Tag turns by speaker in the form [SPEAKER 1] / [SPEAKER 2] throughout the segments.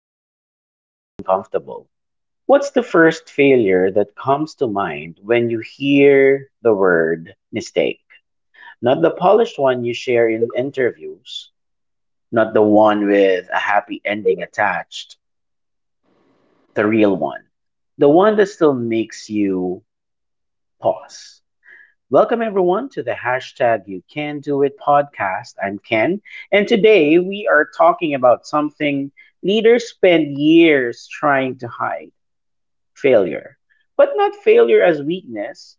[SPEAKER 1] makes leaders uncomfortable. What's the first failure that comes to mind when you hear the word mistake? Not the polished one you share in interviews, not the one with a happy ending attached, the real one. The one that still makes you pause. Welcome everyone to the hashtag You Can Do It podcast. I'm Ken, and today we are talking about something leaders spend years trying to hide failure. But not failure as weakness,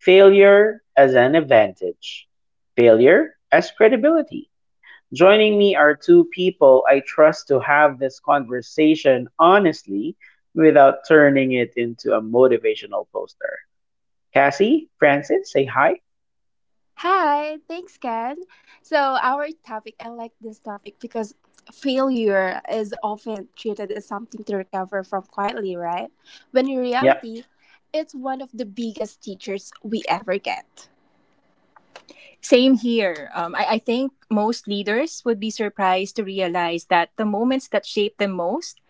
[SPEAKER 1] failure as an advantage, failure as credibility. Joining me are two people I trust to have this conversation honestly without turning it into a motivational poster. Cassie, Francis, say hi.
[SPEAKER 2] Hi, thanks, Ken. So, our topic, I like this topic because failure is often treated as something to recover from quietly, right? When in
[SPEAKER 1] Yeah.
[SPEAKER 2] reality, it's one of the biggest teachers we ever get.
[SPEAKER 3] Same here. I think most leaders would be surprised to realize that the moments that shaped them most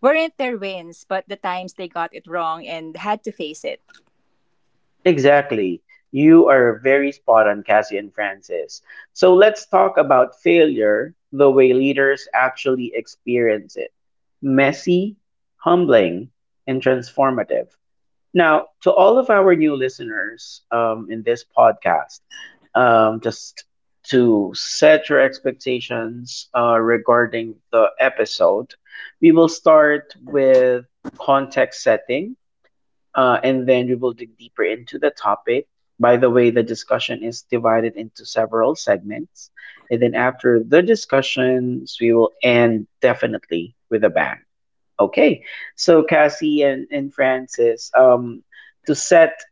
[SPEAKER 3] weren't their wins, but the times they got it wrong and had to face it.
[SPEAKER 1] Exactly. You are very spot on, Cassie and Francis. So let's talk about failure the way leaders actually experience it messy, humbling, and transformative. Now, to all of our new listeners in this podcast, just to set your expectations regarding the episode, we will start with context setting and then we will dig deeper into the topic. By the way, the discussion is divided into several segments. And then after the discussions, we will end definitely with a bang. Okay. So Cassie and Francis, to set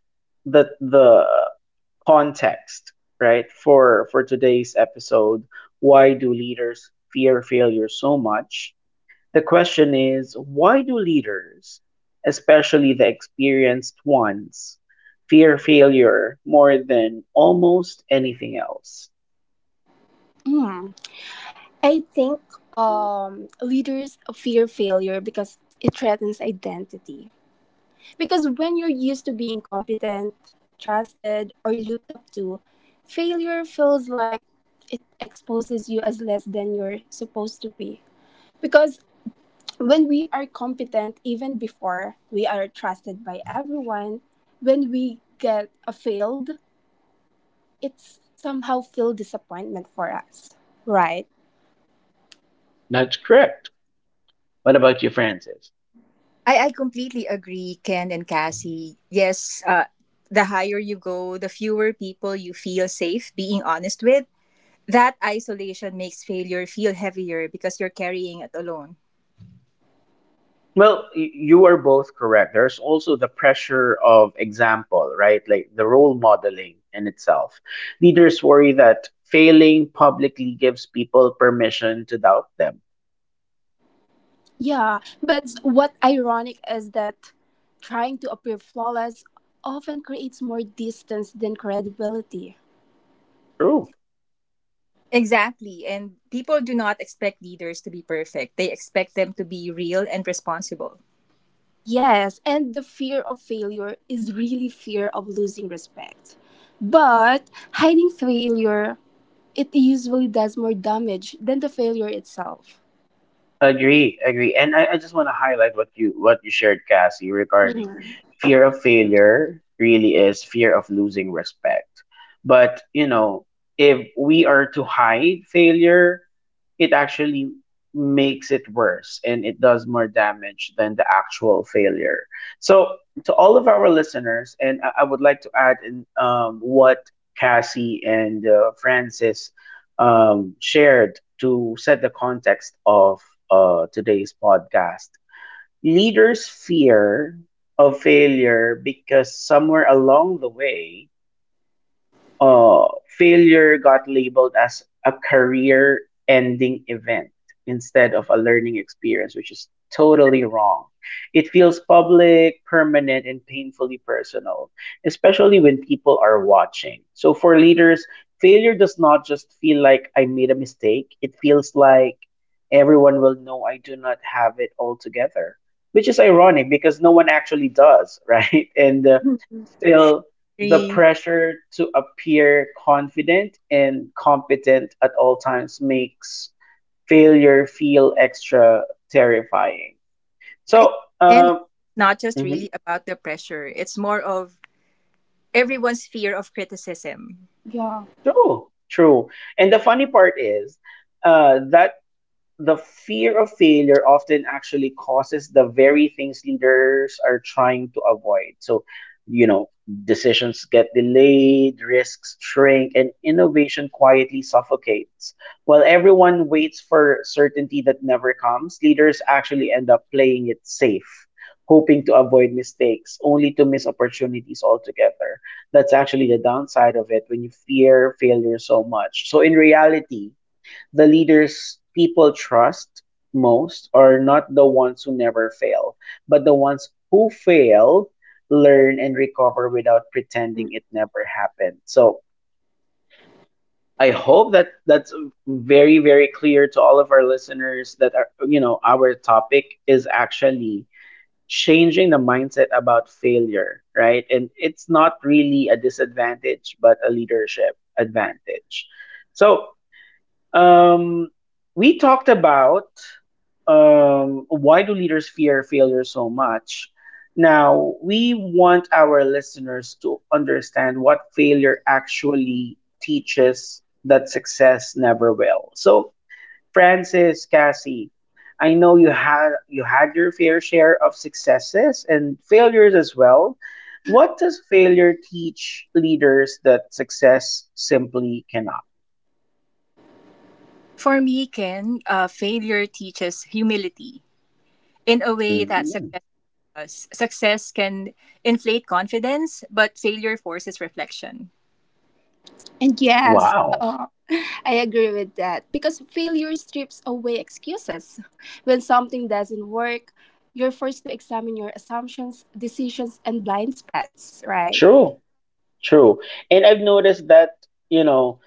[SPEAKER 1] the context, right, for today's episode, why do leaders fear failure so much? The question is why do leaders, especially the experienced ones, fear failure more than almost anything else?
[SPEAKER 2] Hmm. I think leaders fear failure because it threatens identity. Because when you're used to being competent, trusted, or looked up to, failure feels like it exposes you as less than you're supposed to be. Because when we are competent, even before we are trusted by everyone, when we get a failed, it's somehow feel disappointment for us, right?
[SPEAKER 1] That's correct. What about you, Francis?
[SPEAKER 3] I completely agree, Ken and Cassie. Yes, the higher you go, the fewer people you feel safe being honest with. That isolation makes failure feel heavier because you're carrying it alone.
[SPEAKER 1] Well, you are both correct. There's also the pressure of example, right? Like the role modeling in itself. Leaders worry that failing publicly gives people permission to doubt them.
[SPEAKER 2] Yeah, but what ironic is that trying to appear flawless often creates more distance than credibility.
[SPEAKER 1] True.
[SPEAKER 3] Exactly. And people do not expect leaders to be perfect, they expect them to be real and responsible.
[SPEAKER 2] Yes, and the fear of failure is really fear of losing respect. But hiding failure, it usually does more damage than the failure itself.
[SPEAKER 1] Agree, agree. And I just want to highlight what you shared, Cassie, regarding
[SPEAKER 2] Mhm.
[SPEAKER 1] fear of failure really is fear of losing respect. But you know, if we are to hide failure, it actually makes it worse and it does more damage than the actual failure. So to all of our listeners, and I would like to add in what Cassie and Francis shared to set the context of today's podcast. Leaders fear of failure because somewhere along the way failure got labeled as a career ending event instead of a learning experience, which is totally wrong. It feels public, permanent, and painfully personal, especially when people are watching. So for leaders, failure does not just feel like I made a mistake, it feels like everyone will know I do not have it all together. Which is ironic because no one actually does, right? And still, the pressure to appear confident and competent at all times makes failure feel extra terrifying.
[SPEAKER 3] I
[SPEAKER 1] So,
[SPEAKER 3] think then it's
[SPEAKER 1] um,
[SPEAKER 3] not just
[SPEAKER 1] mhm,
[SPEAKER 3] really about the pressure. It's more of everyone's fear of criticism.
[SPEAKER 2] Yeah.
[SPEAKER 1] true, true. And the funny part is, that the fear of failure often actually causes the very things leaders are trying to avoid. So, you know, decisions get delayed, risks shrink, and innovation quietly suffocates. While everyone waits for certainty that never comes, leaders actually end up playing it safe, hoping to avoid mistakes, only to miss opportunities altogether. That's actually the downside of it when you fear failure so much. So, in reality, the leaders people trust most are not the ones who never fail, but the ones who fail, learn, and recover without pretending it never happened. So I hope that that's very, very clear to all of our listeners that our, you know our topic is actually changing the mindset about failure, right? And it's not really a disadvantage, but a leadership advantage. So um, we talked about why do leaders fear failure so much. Now, we want our listeners to understand what failure actually teaches that success never will. So, Francis, Cassie, I know you had your fair share of successes and failures as well. What does failure teach leaders that success simply cannot?
[SPEAKER 3] For me, Ken, failure teaches humility in a way that
[SPEAKER 1] Mhm.
[SPEAKER 3] success does. Success can inflate confidence, but failure forces reflection.
[SPEAKER 2] And yes,
[SPEAKER 1] Wow.
[SPEAKER 2] I agree with that because failure strips away excuses. When something doesn't work, you're forced to examine your assumptions, decisions, and blind spots, right?
[SPEAKER 1] True, true. And I've noticed that, you know,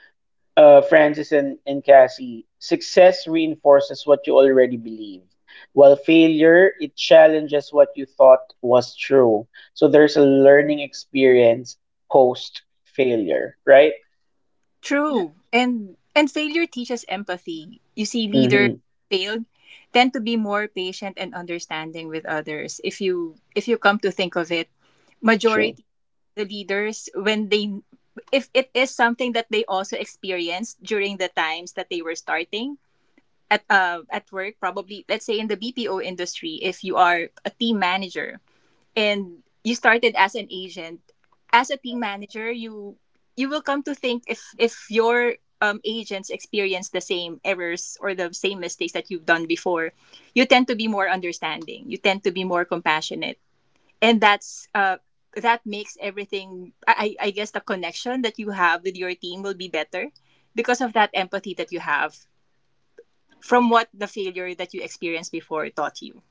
[SPEAKER 1] Francis and Cassie, success reinforces what you already believe, while failure, it challenges what you thought was true. So there's a learning experience post failure, right?
[SPEAKER 3] True. And failure teaches empathy. You see, leaders
[SPEAKER 1] Mm-hmm.
[SPEAKER 3] failed tend to be more patient and understanding with others. If you come to think of it,
[SPEAKER 1] True.
[SPEAKER 3] majority of the leaders when they if it is something that they also experienced during the times that they were starting at work, probably let's say in the BPO industry, if you are a team manager and you started as an agent as a team manager you will come to think if your agents experience the same errors or the same mistakes that you've done before, you tend to be more understanding, you tend to be more compassionate, and that makes everything I guess the connection that you have with your team will be better because of that empathy that you have from what the failure that you experienced before taught you.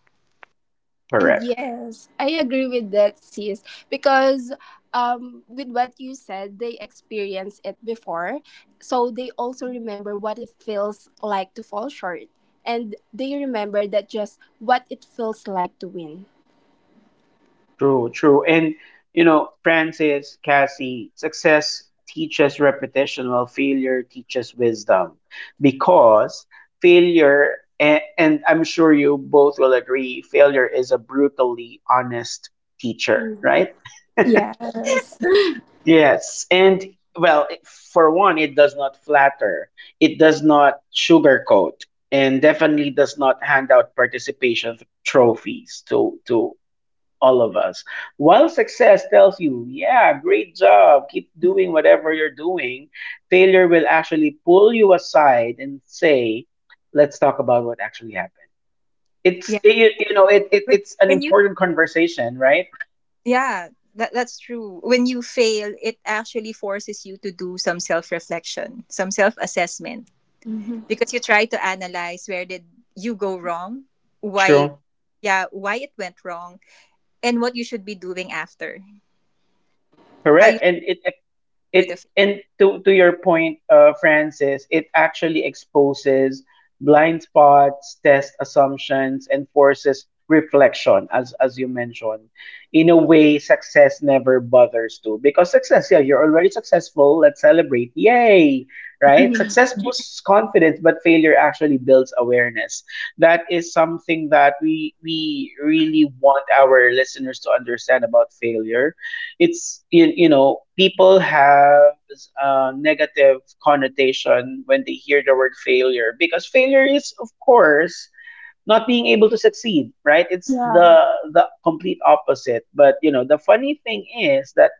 [SPEAKER 2] And
[SPEAKER 1] Correct.
[SPEAKER 2] yes, I agree with that, sis, because with what you said, they experienced it before, so they also remember what it feels like to fall short, and they remember that just what it feels like to win.
[SPEAKER 1] True, true. And you know, Francis, Cassie, success teaches repetition while failure teaches wisdom. Because failure and I'm sure you both will agree, failure is a brutally honest teacher,
[SPEAKER 2] Mhm.
[SPEAKER 1] right?
[SPEAKER 2] Yes.
[SPEAKER 1] Yes. And well, for one, it does not flatter. It does not sugarcoat and definitely does not hand out participation trophies to all of us. While success tells you, yeah, great job, keep doing whatever you're doing, failure will actually pull you aside and say, let's talk about what actually happened. It's,
[SPEAKER 3] Yeah.
[SPEAKER 1] it, you know, it,
[SPEAKER 3] But
[SPEAKER 1] it's an
[SPEAKER 3] when you
[SPEAKER 1] important conversation, right?
[SPEAKER 3] Yeah, that's true. When you fail, it actually forces you to do some self reflection, some self assessment,
[SPEAKER 2] Mhm.
[SPEAKER 3] because you try to analyze where did you go wrong, why,
[SPEAKER 1] True.
[SPEAKER 3] yeah, why it went wrong, and what you should be doing after, how
[SPEAKER 1] Correct.
[SPEAKER 3] you
[SPEAKER 1] And it
[SPEAKER 3] cure
[SPEAKER 1] it
[SPEAKER 3] the
[SPEAKER 1] and to your point, Francis, it actually exposes blind spots, test assumptions, and forces reflection, as you mentioned, in a way success never bothers to. Because success, yeah, you're already successful, let's celebrate, yay, right? Success boosts confidence, but failure actually builds awareness. That is something that we really want our listeners to understand about failure. It's, you know people have a negative connotation when they hear the word failure, because failure is, of course, not being able to succeed, right? It's
[SPEAKER 2] Yeah.
[SPEAKER 1] the complete opposite. But you know the funny thing is that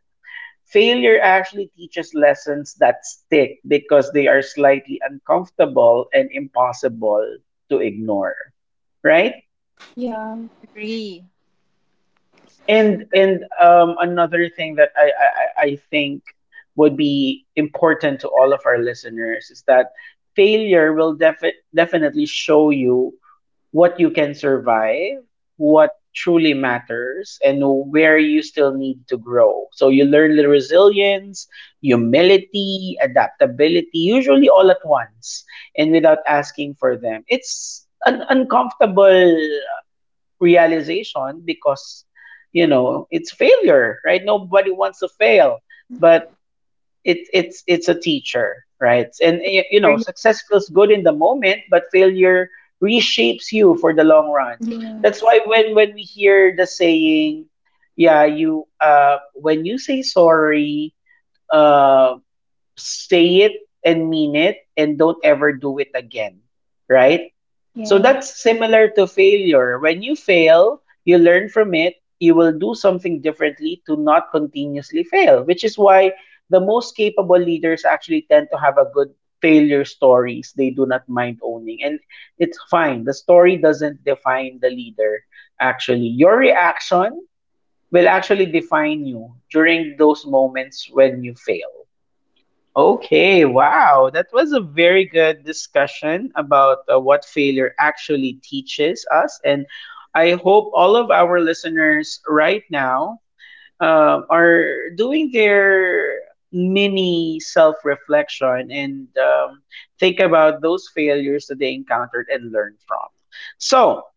[SPEAKER 1] failure actually teaches lessons that stick because they are slightly uncomfortable and impossible to ignore, right?
[SPEAKER 2] Yeah.
[SPEAKER 3] Agree.
[SPEAKER 1] And Another thing that I think would be important to all of our listeners is that failure will definitely show you what you can survive, what truly matters, and where you still need to grow. So you learn the resilience, humility, adaptability, usually all at once and without asking for them. It's an uncomfortable realization because, you know, it's failure, right? Nobody wants to fail, but it's it's a teacher, right? And
[SPEAKER 3] It's
[SPEAKER 1] you know
[SPEAKER 3] Learning-
[SPEAKER 1] success feels good in the moment, but failure reshapes you for the long run. That's
[SPEAKER 2] Yes.
[SPEAKER 1] why when we hear the saying, yeah, you when you say sorry, uh, say it and mean it, and don't ever do it again, right? So
[SPEAKER 2] Yes.
[SPEAKER 1] that's similar to failure. When you fail, you learn from it, you will do something differently to not continuously fail, which is why the most capable leaders actually tend to have a good failure stories they do not mind owning. And it's fine, the story doesn't define the leader. Actually, your reaction will actually define you during those moments when you fail. Okay, wow. That was a very good discussion about what failure actually teaches us. And I hope all of our listeners right now are doing their mini self reflection and think about those failures that they encountered and learn from. So,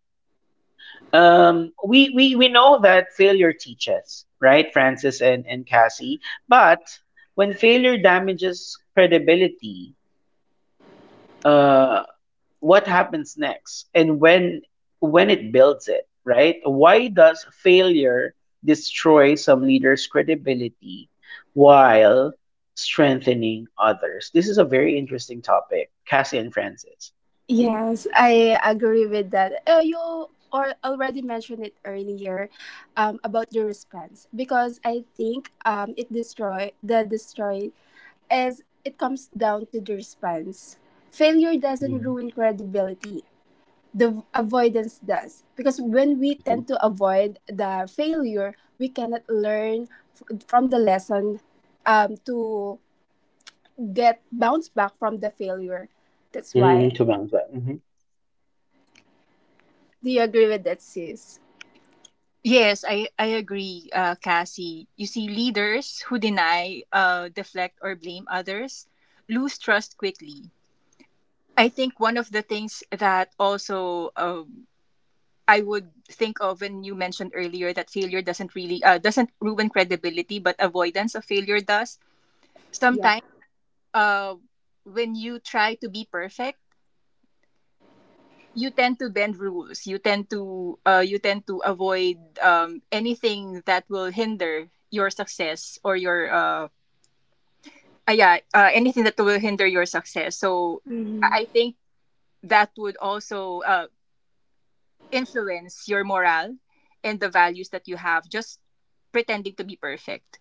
[SPEAKER 1] we know that failure teaches, right, Francis and Cassie, but when failure damages credibility, uh what happens next, and when it builds it, right? Why does failure destroy some leaders credibility while strengthening others? This is a very interesting topic, Cassie and Francis.
[SPEAKER 2] Yes, I agree with that. You or already mentioned it earlier about the response because I think it destroy the destroy is it comes down to the response. Failure doesn't
[SPEAKER 1] Mm-hmm.
[SPEAKER 2] ruin credibility. The avoidance does because when we tend to avoid the failure, we cannot learn from the lesson to get bounce back from the failure. That's why.
[SPEAKER 1] Mm-hmm. To
[SPEAKER 2] Do you agree with that, sis?
[SPEAKER 3] Yes, I agree, Cassie. You see, leaders who deny, deflect, or blame others lose trust quickly. I think one of the things that also I would think of when you mentioned earlier that failure doesn't really doesn't ruin credibility, but avoidance of failure does.
[SPEAKER 2] Yeah.
[SPEAKER 3] Sometimes, uh, when you try to be perfect, you tend to bend rules. You tend to avoid anything that will hinder your success or your yeah anything that will hinder your success. So I
[SPEAKER 2] Hmm.
[SPEAKER 3] think that would also influence your morale and the values that you have. Just pretending to be perfect.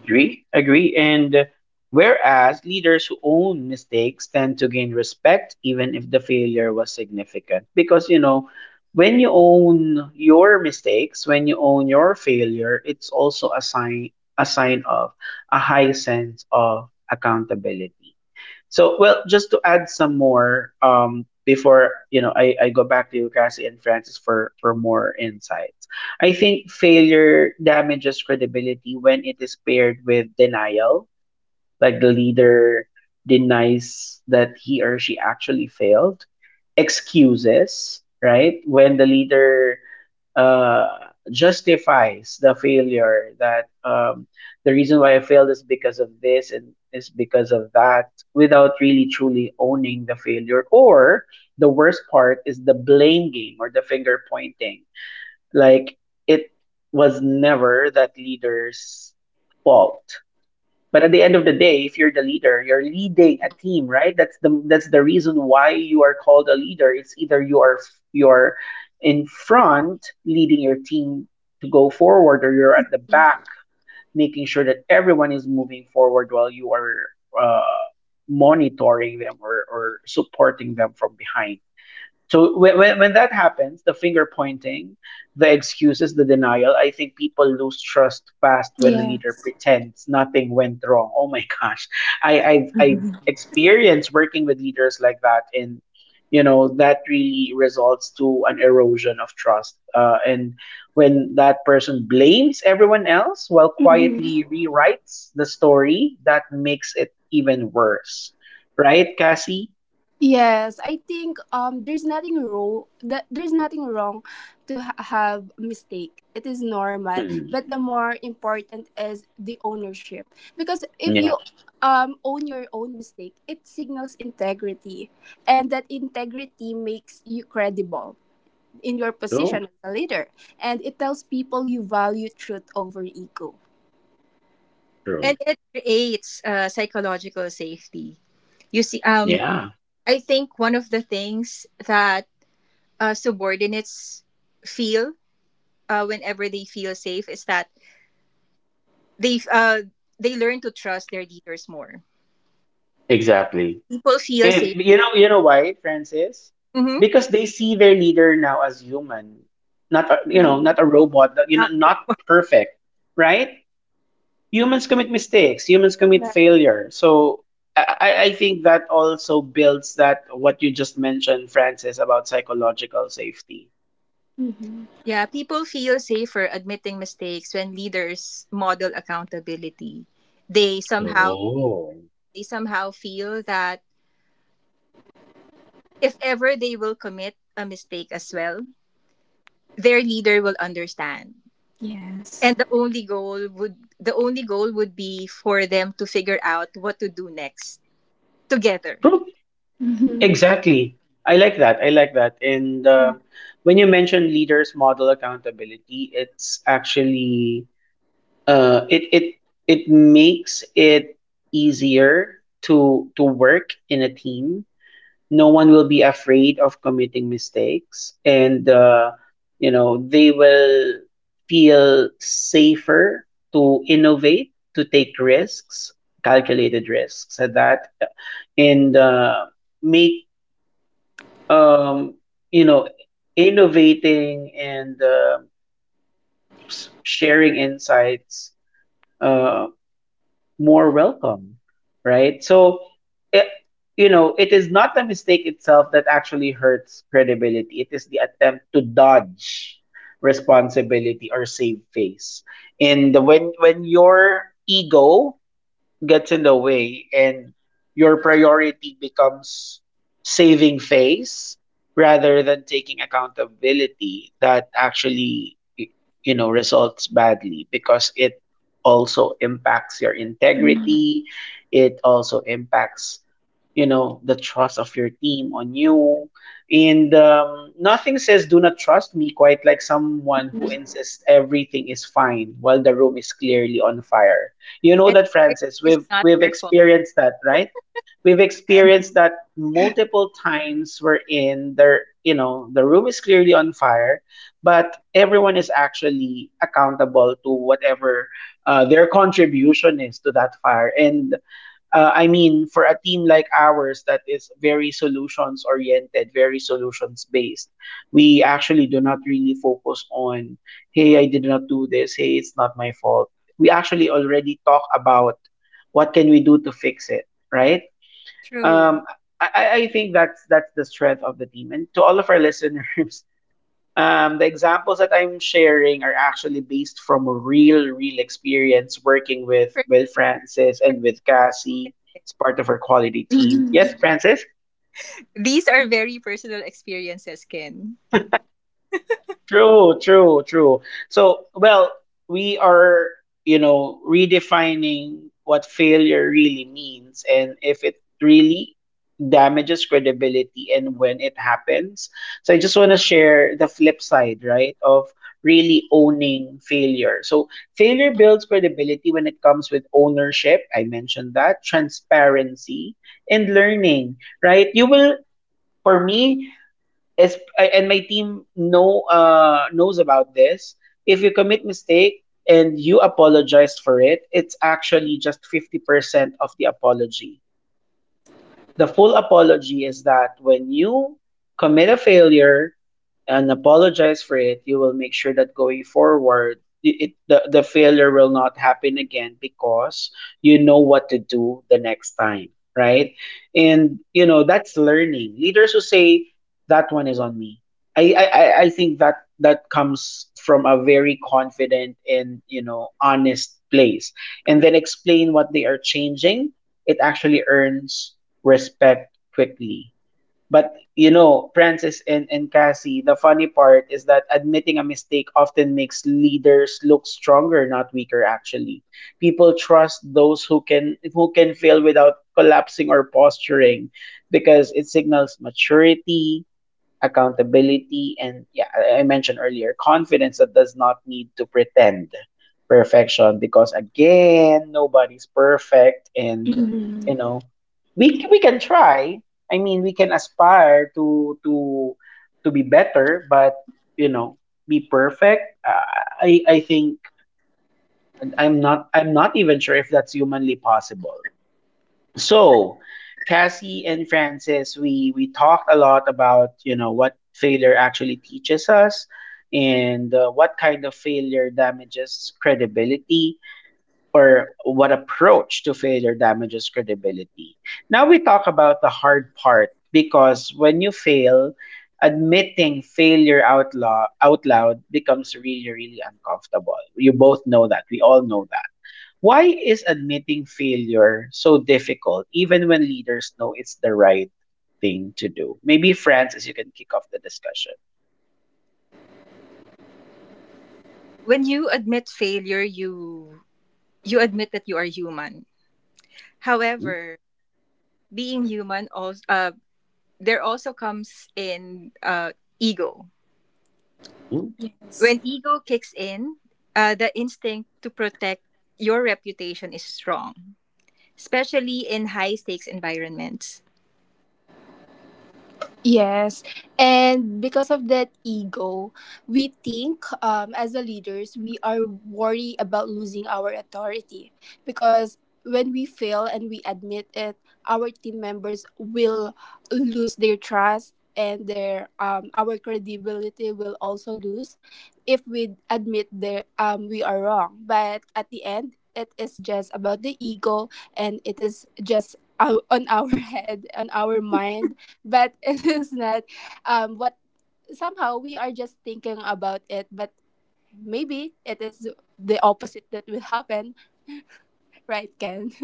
[SPEAKER 1] Agree, agree. And whereas leaders who own mistakes tend to gain respect even if the failure was significant. Because, you know, when you own your mistakes, when you own your failure, it's also a sign of a high sense of accountability. So, well, just to add some more, before you know, I go back to you, Cassie and Francis, for more insights. I think failure damages credibility when it is paired with denial, like the leader denies that he or she actually failed, excuses, right, when the leader justifies the failure, that the reason why I failed is because of this and is because of that without really truly owning the failure. Or the worst part is the blame game or the finger pointing. Like it was never that leader's fault. But at the end of the day, if you're the leader, you're leading a team, right? That's the reason why you are called a leader. It's either you are you're in front leading your team to go forward, or you're at the back making sure that everyone is moving forward while you are uh, monitoring them or supporting them from behind. So when, when that happens, the finger pointing, the excuses, the denial, I think people lose trust fast when a leader
[SPEAKER 2] Yes.
[SPEAKER 1] pretends nothing went wrong. Oh my gosh, I've experienced working with leaders like that, and you know that really results to an erosion of trust. And when that person blames everyone else while
[SPEAKER 2] Hmm.
[SPEAKER 1] quietly rewrites the story, that makes it even worse, right, Cassie?
[SPEAKER 2] Yes, I think there's nothing wrong to have a mistake. It is normal,
[SPEAKER 1] Mhm.
[SPEAKER 2] but the more important is the ownership because if
[SPEAKER 1] Yeah,
[SPEAKER 2] you own your own mistake, it signals integrity, and that integrity makes you credible in your
[SPEAKER 1] true,
[SPEAKER 2] position as a leader, and it tells people you value truth over ego.
[SPEAKER 1] true.
[SPEAKER 3] And it creates psychological safety. You see,
[SPEAKER 1] Yeah,
[SPEAKER 3] I think one of the things that subordinates feel whenever they feel safe is that they uh, they learn to trust their leaders more.
[SPEAKER 1] exactly.
[SPEAKER 3] People feel
[SPEAKER 1] And
[SPEAKER 3] safe.
[SPEAKER 1] you know why, Francis?
[SPEAKER 3] Hmm.
[SPEAKER 1] Because they see their leader now as human, not a, you know,
[SPEAKER 2] Hmm.
[SPEAKER 1] not a robot. You know,
[SPEAKER 3] Not a
[SPEAKER 1] not
[SPEAKER 3] robot.
[SPEAKER 1] perfect, right? Humans commit mistakes. Humans commit
[SPEAKER 2] Yeah.
[SPEAKER 1] failure. So I think that also builds that what you just mentioned, Francis, about psychological safety.
[SPEAKER 2] Hmm.
[SPEAKER 3] Yeah, people feel safer admitting mistakes when leaders model accountability. They somehow
[SPEAKER 1] Oh.
[SPEAKER 3] they somehow feel that if ever they will commit a mistake as well, their leader will understand.
[SPEAKER 2] Yes.
[SPEAKER 3] And the only goal would be for them to figure out what to do next together.
[SPEAKER 2] Mhm.
[SPEAKER 1] Exactly. I like that. I like that. And When you mention leaders model accountability, it's actually uh, it it it makes it easier to work in a team. No one will be afraid of committing mistakes, and they will feel safer to innovate, to take risks, calculated risks at that, and make um, you know, innovating and sharing insights uh, more welcome, right? So, it, it is not the mistake itself that actually hurts credibility. It is the attempt to dodge responsibility or save face. And when your ego gets in the way and your priority becomes saving face rather than taking accountability that actually results badly because it also impacts your
[SPEAKER 2] Mm-hmm.
[SPEAKER 1] integrity. It also impacts the trust of your team on you. And Nothing says do not trust me quite like someone who insists everything is fine while the room is clearly on fire. You know
[SPEAKER 3] And
[SPEAKER 1] that,
[SPEAKER 3] everything
[SPEAKER 1] Francis?
[SPEAKER 3] is
[SPEAKER 1] We've
[SPEAKER 3] not
[SPEAKER 1] we've
[SPEAKER 3] their fault.
[SPEAKER 1] experienced that, right? We've experienced that multiple times. We're in there, the room is clearly on fire, but everyone is actually accountable to whatever their contribution is to that fire. And I mean, for a team like ours that is very solutions oriented, very solutions based, we actually do not really focus on, hey, I did not do this. Hey, it's not my fault. We actually already talk about what can we do to fix it, right?
[SPEAKER 3] True.
[SPEAKER 1] Um, I think that's the strength of the team. And to all of our listeners, the examples that I'm sharing are actually based from real, real experience working with
[SPEAKER 3] Per-
[SPEAKER 1] with Francis and with Cassie. It's part of our quality team. Yes, Francis.
[SPEAKER 3] These are very personal experiences, Ken.
[SPEAKER 1] True, true, true. So, well, we are, redefining what failure really means and if it really damages credibility and when it happens. So, I just want to share the flip side, right, of really owning failure. So, failure builds credibility when it comes with ownership. I mentioned that, transparency, and learning, right? You will, for me, it's, and my team know knows about this. If you commit mistake and you apologize for it, it's actually just 50% of the apology. The full apology is that when you commit a failure and apologize for it, you will make sure that going forward, the failure will not happen again because you know what to do the next time, right? And you know that's learning. Leaders who say, "That one is on me." I think that that comes from a very confident and honest place, and then explain what they are changing. It actually earns respect quickly. But you know, Francis and Cassie, the funny part is that admitting a mistake often makes leaders look stronger, not weaker actually. People trust those who can fail without collapsing or posturing because it signals maturity, accountability, and yeah, I mentioned earlier, confidence that does not need to pretend perfection because again, nobody's perfect, and
[SPEAKER 2] Mm-hmm.
[SPEAKER 1] you know, we can try. I mean, we can aspire to be better, but you know, be perfect. I think I'm not even sure if that's humanly possible. So, Cassie and Francis, we talked a lot about you know what failure actually teaches us, and what kind of failure damages credibility, or what approach to failure damages credibility. Now we talk about the hard part because when you fail, admitting failure out loud becomes really really uncomfortable. You both know that. We all know that. Why is admitting failure so difficult, even when leaders know it's the right thing to do? Maybe Francis, you can kick off the discussion.
[SPEAKER 3] When you admit failure, you admit that you are human. However, being human also there also comes in ego.
[SPEAKER 1] Mhm.
[SPEAKER 2] Yes.
[SPEAKER 3] When ego kicks in, the instinct to protect your reputation is strong, especially in high stakes environments.
[SPEAKER 2] Yes, and because of that ego, we think as the leaders we are worried about losing our authority because when we fail and we admit it, our team members will lose their trust and their our credibility will also lose if we admit that we are wrong. But at the end, it is just about the ego and it is just on our head, on our mind but it is not what somehow we are just thinking about it but maybe it is the opposite that will happen, right, Ken?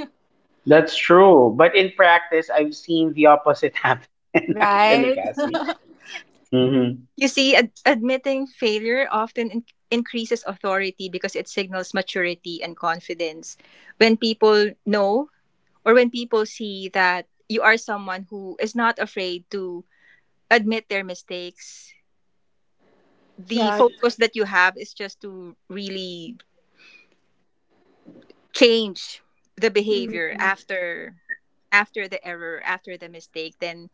[SPEAKER 1] That's true. But in practice, I've seen the opposite happen, actually,
[SPEAKER 2] Right.
[SPEAKER 1] Cassie. Hmm.
[SPEAKER 3] You see, admitting failure often increases authority because it signals maturity and confidence. When people know or when people see that you are someone who is not afraid to admit their mistakes, the
[SPEAKER 2] Yeah.
[SPEAKER 3] focus that you have is just to really change the behavior after the error, after the mistake, then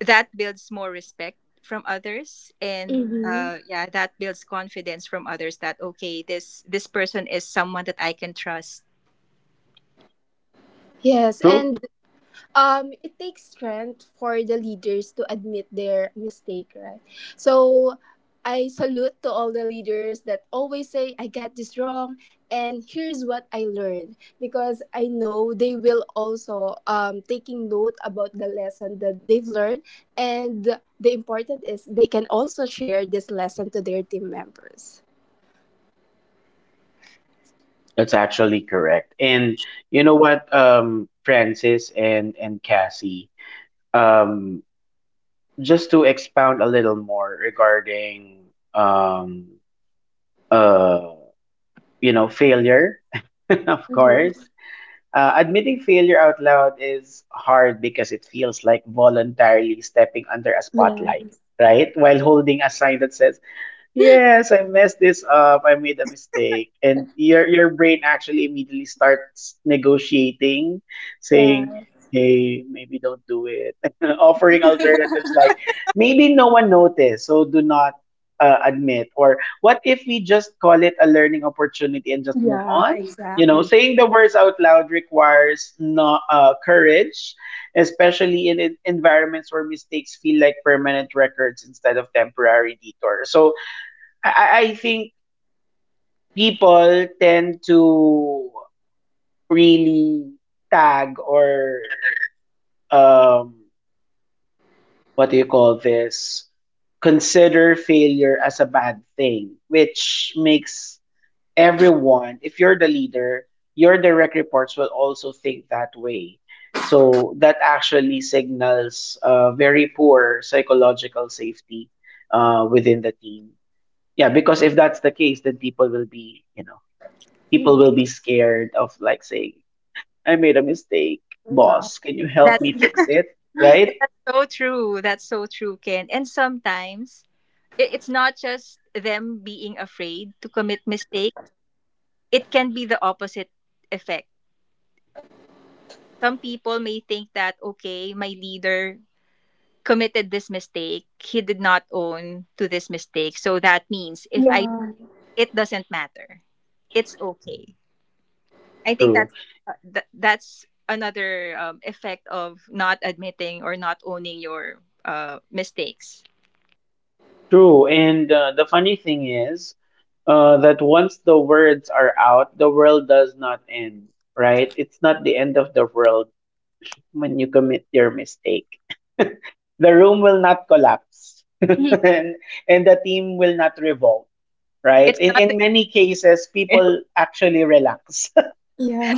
[SPEAKER 3] that builds more respect from others and
[SPEAKER 2] Mm-hmm.
[SPEAKER 3] yeah, that builds confidence from others that okay, this person is someone that I can trust.
[SPEAKER 2] Yes,
[SPEAKER 1] True.
[SPEAKER 2] and it takes strength for the leaders to admit their mistake, right? So I salute to all the leaders that always say I got this wrong and here's what I learned, because I know they will also taking note about the lesson that they've learned, and the important is they can also share this lesson to their team members.
[SPEAKER 1] That's actually correct. And you know what, Francis and Cassie, um, just to expound a little more regarding um, uh, failure, of course.
[SPEAKER 2] Mhm.
[SPEAKER 1] Admitting failure out loud is hard because it feels like voluntarily stepping under a
[SPEAKER 2] Yeah.
[SPEAKER 1] spotlight, right? While holding a sign that says, "Yes, I messed this up. I made a mistake." And your brain actually immediately starts negotiating, saying,
[SPEAKER 2] Yeah.
[SPEAKER 1] "Hey, maybe don't do it." Offering alternatives like, "Maybe no one noticed, so do not admit." Or, "What if we just call it a learning opportunity and just move
[SPEAKER 2] Yeah,
[SPEAKER 1] on?" You know,
[SPEAKER 2] exactly.
[SPEAKER 1] saying the words out loud requires no courage, especially in environments where mistakes feel like permanent records instead of temporary detours. So, I think people tend to really tag or um what do you call this? Consider failure as a bad thing, which makes everyone, if you're the leader, your direct reports will also think that way. So that actually signals very poor psychological safety within the team. Yeah, because if that's the case, then people
[SPEAKER 2] Mm.
[SPEAKER 1] will be scared of like saying, "I made a mistake,
[SPEAKER 2] Yeah.
[SPEAKER 1] boss, can you help
[SPEAKER 3] That's
[SPEAKER 1] me fix it?" Right?
[SPEAKER 3] so true, that's so true, Ken. And sometimes it's not just them being afraid to commit mistake, it can be the opposite effect. Some people may think that okay, my leader committed this mistake, he did not own to this mistake, so that means if I
[SPEAKER 2] Yeah.
[SPEAKER 3] it doesn't matter. It's okay. I think
[SPEAKER 1] True.
[SPEAKER 3] that's that's another effect of not admitting or not owning your mistakes.
[SPEAKER 1] True. And The funny thing is that once the words are out, the world does not end, right? It's not the end of the world when you commit your mistake. The room will not collapse
[SPEAKER 2] Mm.
[SPEAKER 1] and the team will not revolt. Right?
[SPEAKER 3] It's
[SPEAKER 1] in,
[SPEAKER 3] not.
[SPEAKER 1] in many cases people actually relax.
[SPEAKER 2] Yeah.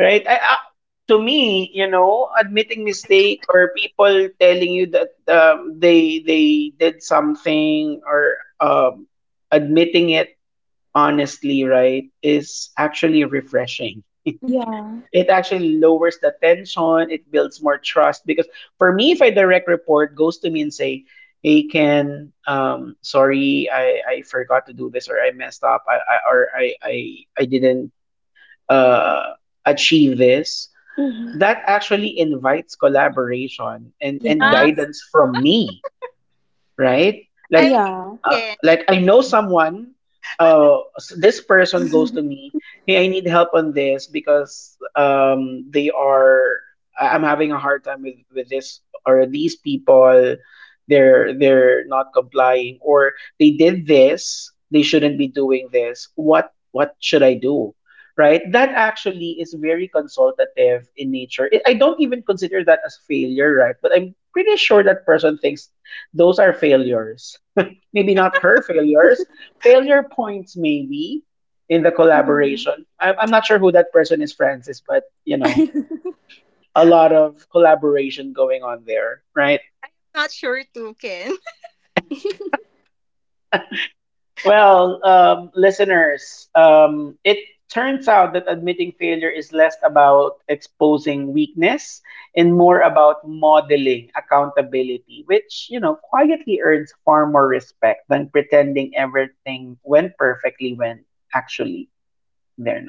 [SPEAKER 1] Right? To me, you know, admitting mistake or people telling you that they did something or admitting it honestly, right, is actually refreshing.
[SPEAKER 2] Yeah.
[SPEAKER 1] It actually lowers the tension. It builds more trust because for me, if a direct report goes to me and say, "Hey, Ken, sorry, I forgot to do this or I messed up, I or I I didn't uh achieve this,"
[SPEAKER 2] Hmm.
[SPEAKER 1] that actually invites collaboration and
[SPEAKER 3] Ah,
[SPEAKER 2] Yes.
[SPEAKER 1] guidance from me, right?
[SPEAKER 3] I'm
[SPEAKER 2] Yeah.
[SPEAKER 3] Ken.
[SPEAKER 1] Like I know someone. This person goes to me. "Hey, I need help on this because they are. I'm having a hard time with this or these people. They're not complying or they did this. They shouldn't be doing this. What should I do?" Right? That actually is very consultative in nature. I don't even consider that as failure, right? But I'm pretty sure that person thinks those are failures. Maybe not her failures. Failure points, maybe, in the
[SPEAKER 2] Mhm.
[SPEAKER 1] collaboration. I'm not sure who that person is, Francis, but, you know, a lot of collaboration going on there, right?
[SPEAKER 3] Not sure too, Ken.
[SPEAKER 1] Well, listeners, it turns out that admitting failure is less about exposing weakness and more about modeling accountability, which, you know, quietly earns far more respect than pretending everything went perfectly when actually they're.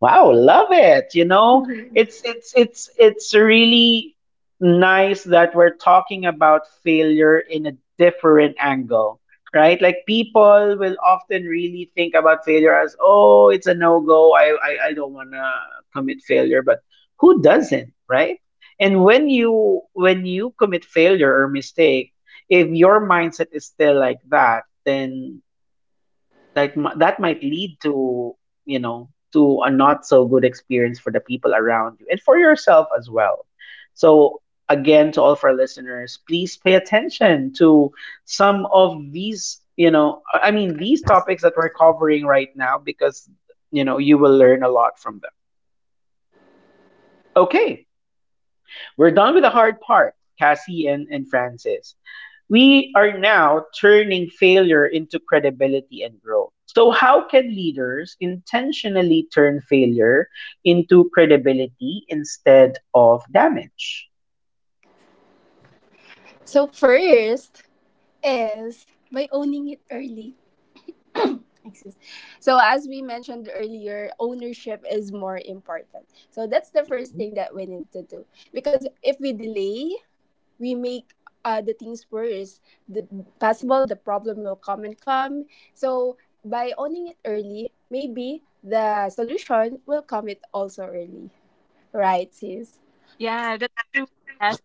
[SPEAKER 1] Wow, love it. You know,
[SPEAKER 2] Mhm.
[SPEAKER 1] it's really nice that we're talking about failure in a different angle, right? Like people will often really think about failure as, oh, it's a no-go. I don't wanna commit failure, but who doesn't, right? And when you commit failure or mistake, if your mindset is still like that, then that might lead to you know to a not so good experience for the people around you and for yourself as well. So again, to all of our listeners, please pay attention to some of these. I mean, these topics that we're covering right now because you know you will learn a lot from them. Okay, we're done with the hard part, Cassie and Francis. We are now turning failure into credibility and growth. So, how can leaders intentionally turn failure into credibility instead of damage?
[SPEAKER 2] So first is by owning it early. Excuse. So as we mentioned earlier, ownership is more important. So that's the first thing that we need to do because if we delay, we make the things worse. The possible the problem will come and come. So by owning it early, maybe the solution will come it also early. Right, sis?
[SPEAKER 3] Yeah, that's true. Yes.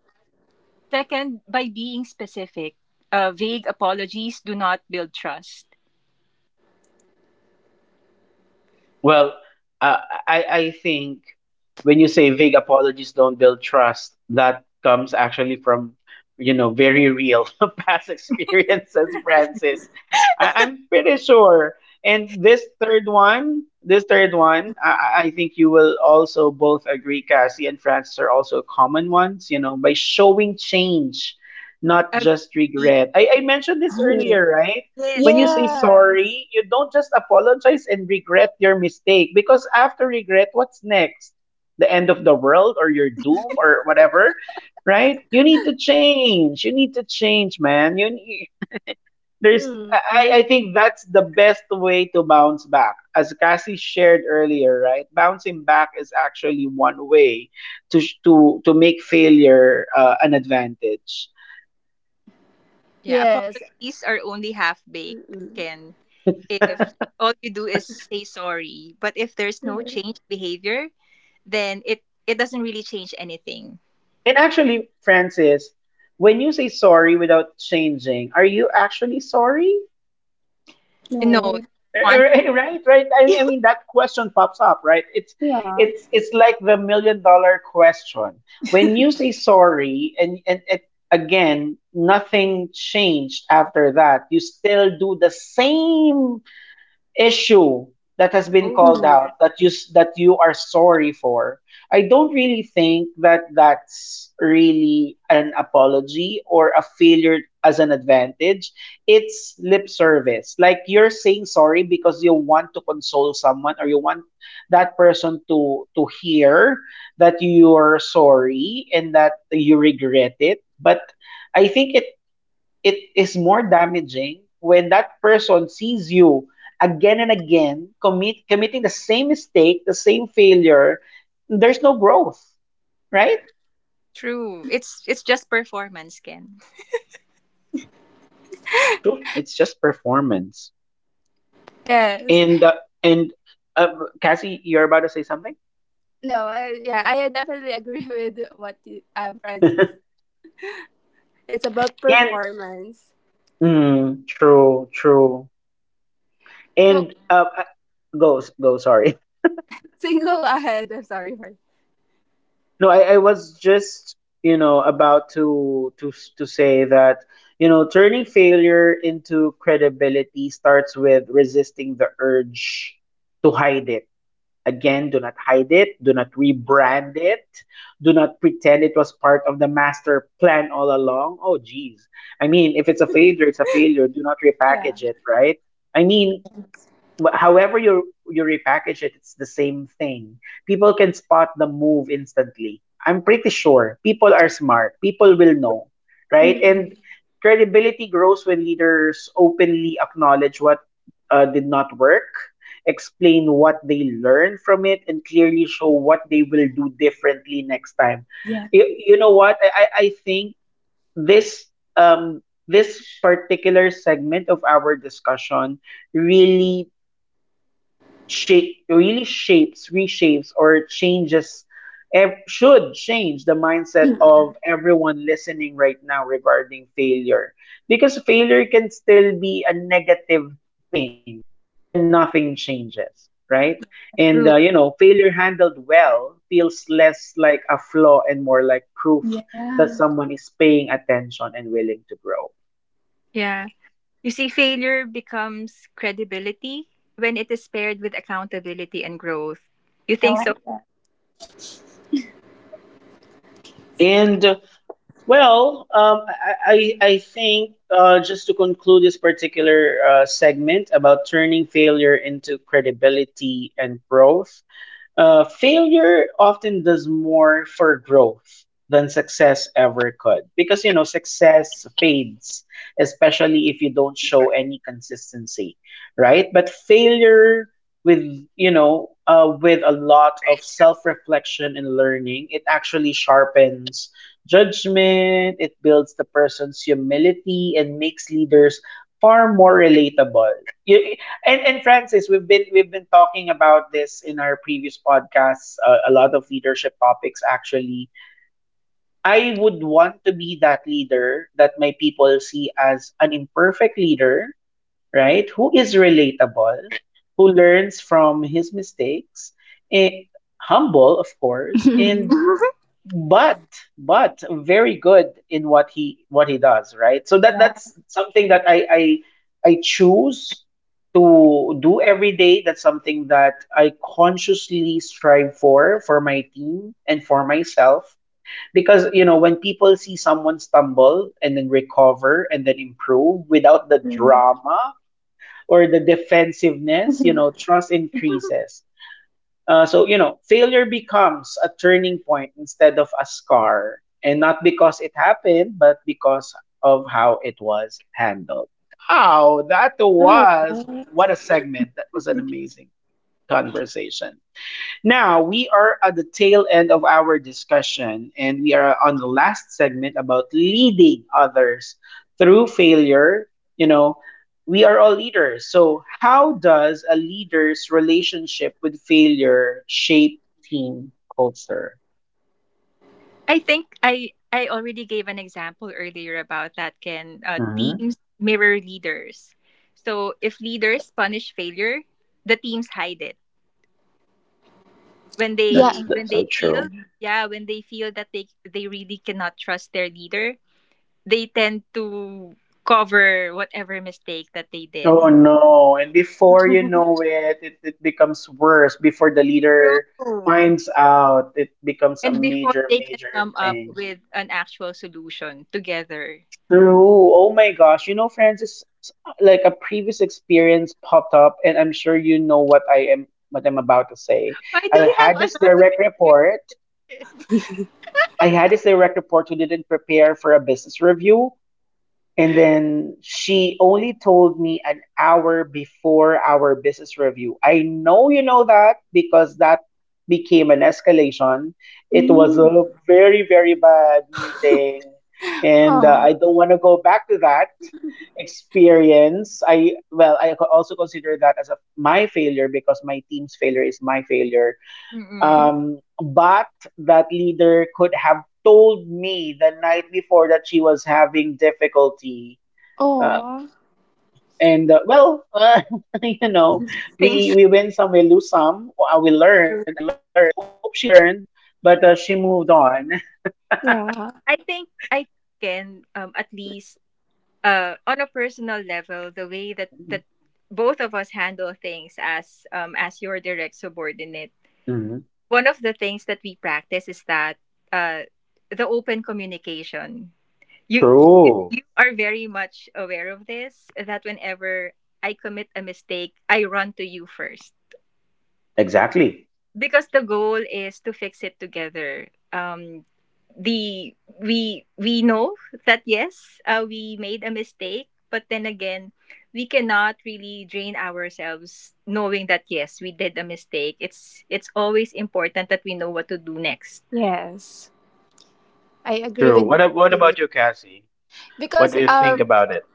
[SPEAKER 3] Second, by being specific, vague apologies do not build trust.
[SPEAKER 1] Well, uh, I think when you say vague apologies don't build trust, that comes actually from you know very real past experiences, Francis. I'm pretty sure. And this third one, I think you will also both agree, Cassie and Francis are also common ones. You know, by showing change, not just
[SPEAKER 3] Agree.
[SPEAKER 1] regret. I mentioned this
[SPEAKER 2] I-
[SPEAKER 1] earlier, right?
[SPEAKER 3] Yes,
[SPEAKER 1] When you
[SPEAKER 3] you.
[SPEAKER 1] say
[SPEAKER 2] Yes.
[SPEAKER 1] sorry, you don't just apologize and regret your mistake because after regret, what's next? The end of the world or your doom or whatever, right? You need to change. You need to change, man. You need, there's I,
[SPEAKER 2] Hmm.
[SPEAKER 1] I think that's the best way to bounce back. As Cassie shared earlier, right? Bouncing back is actually one way to make failure an advantage.
[SPEAKER 3] Yeah,
[SPEAKER 2] Yes.
[SPEAKER 3] apologies are only half baked,
[SPEAKER 2] Mm-mm.
[SPEAKER 3] Ken. If all you do is say sorry but if there's no
[SPEAKER 2] Yeah.
[SPEAKER 3] change behavior, then it doesn't really change anything.
[SPEAKER 1] And actually, Francis, when you say sorry without changing, are you actually sorry?
[SPEAKER 3] No, you
[SPEAKER 2] No.
[SPEAKER 3] want to
[SPEAKER 1] Right, right. I
[SPEAKER 3] be
[SPEAKER 1] mean, I mean that question pops up, right? It's
[SPEAKER 2] Yeah.
[SPEAKER 1] it's it's like the million dollar question. When you say sorry and again, nothing changed after that. You still do the same issue that has been
[SPEAKER 3] over
[SPEAKER 1] called
[SPEAKER 2] Mm.
[SPEAKER 1] out that that you are sorry for. I don't really think that that's really an apology or a failure as an advantage. It's lip service, like you're saying sorry because you want to console someone or you want that person to hear that you're sorry and that you regret it. But I think it it is more damaging when that person sees you again and again committing the same mistake, the same failure. There's no growth, right?
[SPEAKER 3] true. It's just performance, Ken.
[SPEAKER 1] True. It's just performance.
[SPEAKER 2] Yes.
[SPEAKER 1] And uh, and uh, Cassie, you're about to say something.
[SPEAKER 2] No. I, yeah. I definitely agree with what you,
[SPEAKER 1] and
[SPEAKER 2] Francis. It's about performance.
[SPEAKER 1] true, true.
[SPEAKER 2] So
[SPEAKER 1] And go, go. Sorry.
[SPEAKER 2] single ahead. I'm sorry for.
[SPEAKER 1] No, I was just, about to say that, turning failure into credibility starts with resisting the urge to hide it. Again, do not hide it, do not rebrand it, do not pretend it was part of the master plan all along. Oh geez. I mean, if it's a failure, it's a failure. Do not
[SPEAKER 2] Yeah.
[SPEAKER 1] repackage it, right? I mean, however you repackage it, it's the same thing. People can spot the move instantly. I'm pretty sure people are smart. People will know, right? And
[SPEAKER 2] Mm-mm.
[SPEAKER 1] credibility grows when leaders openly acknowledge what did not work, explain what they learned from it, and clearly show what they will do differently next time.
[SPEAKER 2] Yeah.
[SPEAKER 1] You know what? I think this um this particular segment of our discussion really shape really shapes, reshapes, or changes should change the mindset
[SPEAKER 2] Mm.
[SPEAKER 1] of everyone listening right now regarding failure. Because failure can still be a negative thing when nothing changes, right? And
[SPEAKER 3] True.
[SPEAKER 1] you know, failure handled well feels less like a flaw and more like proof that
[SPEAKER 2] Yeah.
[SPEAKER 1] someone is paying attention and willing to grow.
[SPEAKER 3] Yeah, you see, failure becomes credibility when it is paired with accountability and growth. You think so?
[SPEAKER 1] And well, I think just to conclude this particular segment about turning failure into credibility and growth, failure often does more for growth than success ever could, because you know success fades, especially if you don't show any consistency, right? But failure with, you know, with a lot of self-reflection and learning, it actually sharpens judgment, it builds the person's humility and makes leaders far more relatable. And Francis, we've been talking about this in our previous podcasts. A lot of leadership topics, actually. I would want to be that leader that my people see as an imperfect leader, right? Who is relatable, who learns from his mistakes, and humble, of course,
[SPEAKER 2] Mm.
[SPEAKER 3] I
[SPEAKER 1] and but but very good in what he does, right? So that
[SPEAKER 2] Yeah.
[SPEAKER 1] that's something that I choose to do every day. That's something that I consciously strive for my team and for myself. Because you know, when people see someone stumble and then recover and then improve without the
[SPEAKER 2] Mm.
[SPEAKER 1] drama or the defensiveness, you know, trust increases. So, you know, failure becomes a turning point instead of a scar. And not because it happened, but because of how it was handled. Wow, that was
[SPEAKER 2] Mm.
[SPEAKER 1] what a segment. That was an amazing conversation. Now, we are at the tail end of our discussion, and we are on the last segment about leading others through failure. You know, we are all leaders. So, how does a leader's relationship with failure shape team culture?
[SPEAKER 3] I already gave an example.
[SPEAKER 1] Mhm.
[SPEAKER 3] Teams mirror leaders. So if leaders punish failure, the teams hide it. When
[SPEAKER 2] Yeah.
[SPEAKER 3] they when
[SPEAKER 1] That's so
[SPEAKER 3] they feel
[SPEAKER 1] true.
[SPEAKER 3] yeah, when they feel that they really cannot trust their leader, they tend to cover whatever mistake that they did.
[SPEAKER 1] Oh no. And before you know it, it becomes worse. Before the leader
[SPEAKER 3] True.
[SPEAKER 1] finds out, it becomes a
[SPEAKER 3] And before
[SPEAKER 1] major,
[SPEAKER 3] they can
[SPEAKER 1] major
[SPEAKER 3] come up
[SPEAKER 1] thing.
[SPEAKER 3] with an actual solution together.
[SPEAKER 1] True. Oh my gosh. You know, Francis, like a previous experience popped up, and I'm sure you know what I am what I'm about to say.
[SPEAKER 3] Why do
[SPEAKER 1] I
[SPEAKER 3] we have
[SPEAKER 1] had this
[SPEAKER 3] a lot
[SPEAKER 1] direct
[SPEAKER 3] of
[SPEAKER 1] report. I had this direct report who didn't prepare for a business review. And then she only told me an hour before our business review. I know you know that because that became an escalation. It was a
[SPEAKER 2] Mm.
[SPEAKER 1] very, very bad meeting. And
[SPEAKER 2] Oh.
[SPEAKER 1] I don't want to go back to that experience. I also consider that as my failure, because my team's failure is my failure.
[SPEAKER 2] Yeah.
[SPEAKER 3] Mm-mm.
[SPEAKER 1] But that leader could have told me the night before that she was having difficulty, uh,
[SPEAKER 2] Oh.
[SPEAKER 1] and well, you know,
[SPEAKER 3] Thanks.
[SPEAKER 1] we win some, we lose some. We learned.
[SPEAKER 3] To-
[SPEAKER 1] I learned. I hope she learned, but she moved on.
[SPEAKER 2] Yeah.
[SPEAKER 3] I think I can at least on a personal level the way that that both of us handle things as your direct subordinate.
[SPEAKER 1] Hmm.
[SPEAKER 3] One of the things that we practice is that uh the open communication. You you
[SPEAKER 1] True.
[SPEAKER 3] you are very much aware of this that whenever I commit a mistake, I run to you first
[SPEAKER 1] Exactly.
[SPEAKER 3] because the goal is to fix it together. Um, the we know that yes we made a mistake but then again we cannot really drain ourselves knowing that yes we did a mistake, it's always important that we know what to do next.
[SPEAKER 2] Yes. I agree
[SPEAKER 1] True.
[SPEAKER 2] with that
[SPEAKER 1] What
[SPEAKER 2] too.
[SPEAKER 1] about you, Cassie? What
[SPEAKER 2] Because
[SPEAKER 1] do you think about it?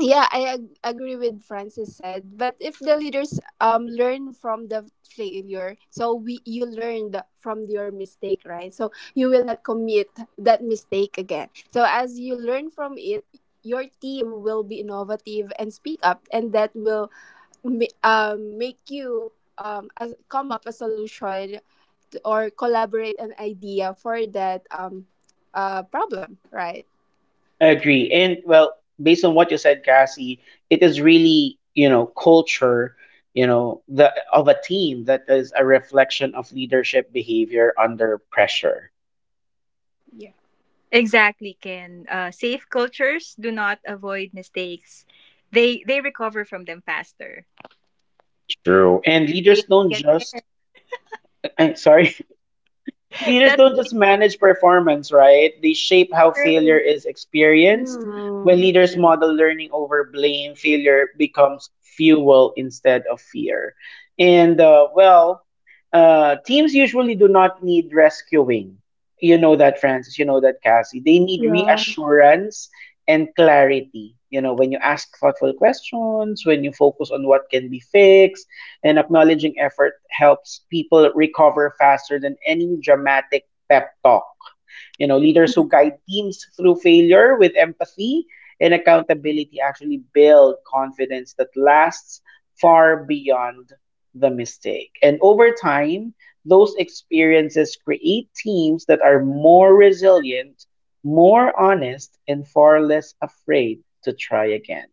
[SPEAKER 2] yeah, I agree with Francis said. But if the leaders learn from the failure, so we you learned from your mistake, right? So you will not commit that mistake again. So as you learn from it, your team will be innovative and speak up, and that will make you as, come up a solution to, or collaborate an idea for that problem, right?
[SPEAKER 1] Agree. And well, based on what you said, Cassie, it is really, you know, culture, you know, the of a team that is a reflection of leadership behavior under pressure.
[SPEAKER 3] Exactly, Ken. Safe cultures do not avoid mistakes, they recover from them faster.
[SPEAKER 1] True. And
[SPEAKER 3] Do you
[SPEAKER 1] leaders don't
[SPEAKER 3] get
[SPEAKER 1] just,
[SPEAKER 3] it?
[SPEAKER 1] sorry, leaders
[SPEAKER 3] That's
[SPEAKER 1] don't just manage performance, right? They shape how failure
[SPEAKER 3] true.
[SPEAKER 1] is experienced. When
[SPEAKER 2] Hmm.
[SPEAKER 1] leaders model learning over blame, failure becomes fuel instead of fear. And uh, well, teams usually do not need rescuing. You know that, Francis. You know that, Cassie. They need
[SPEAKER 2] Yeah.
[SPEAKER 1] reassurance and clarity. You know, when you ask thoughtful questions, when you focus on what can be fixed and acknowledging effort helps people recover faster than any dramatic pep talk. You know, leaders who guide teams through failure with empathy and accountability actually build confidence that lasts far beyond the mistake. And over time, those experiences create teams that are more resilient, more honest, and far less afraid to try again.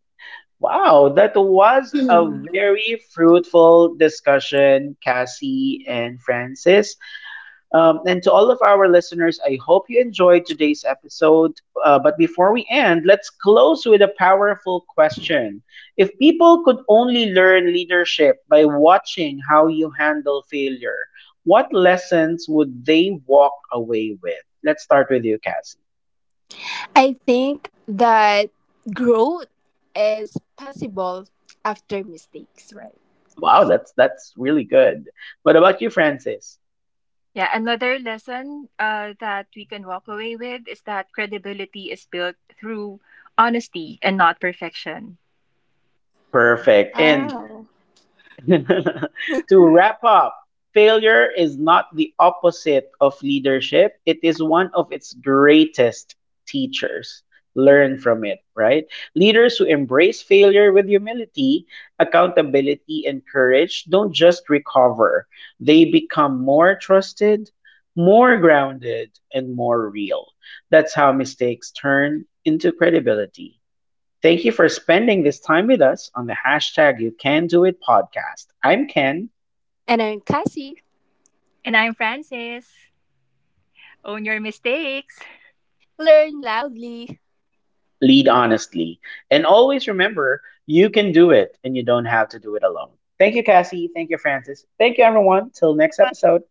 [SPEAKER 1] Wow, that was a very fruitful discussion, Cassie and Francis. And to all of our listeners, I hope you enjoyed today's episode. But before we end, let's close with a powerful question. If people could only learn leadership by watching how you handle failure, what lessons would they walk away with? Let's start with you, Cassie.
[SPEAKER 2] I think that growth is possible after mistakes, right?
[SPEAKER 1] Wow, that's really good. What about you, Francis?
[SPEAKER 3] Yeah, another lesson that we can walk away with is that credibility is built through honesty and not perfection.
[SPEAKER 1] Perfect. And
[SPEAKER 2] Oh.
[SPEAKER 1] to wrap up, failure is not the opposite of leadership, it is one of its greatest teachers. Learn from it, right? Leaders who embrace failure with humility, accountability, and courage don't just recover, they become more trusted, more grounded, and more real. That's how mistakes turn into credibility. Thank you for spending this time with us on the hashtag You Can Do It podcast. I'm Ken,
[SPEAKER 2] And I'm Cassie.
[SPEAKER 3] And I'm Francis. Own your mistakes.
[SPEAKER 2] Learn loudly.
[SPEAKER 1] lead honestly. And always remember, you can do it and you don't have to do it alone. Thank you, Cassie. Thank you, Francis. Thank you, everyone. Till next episode.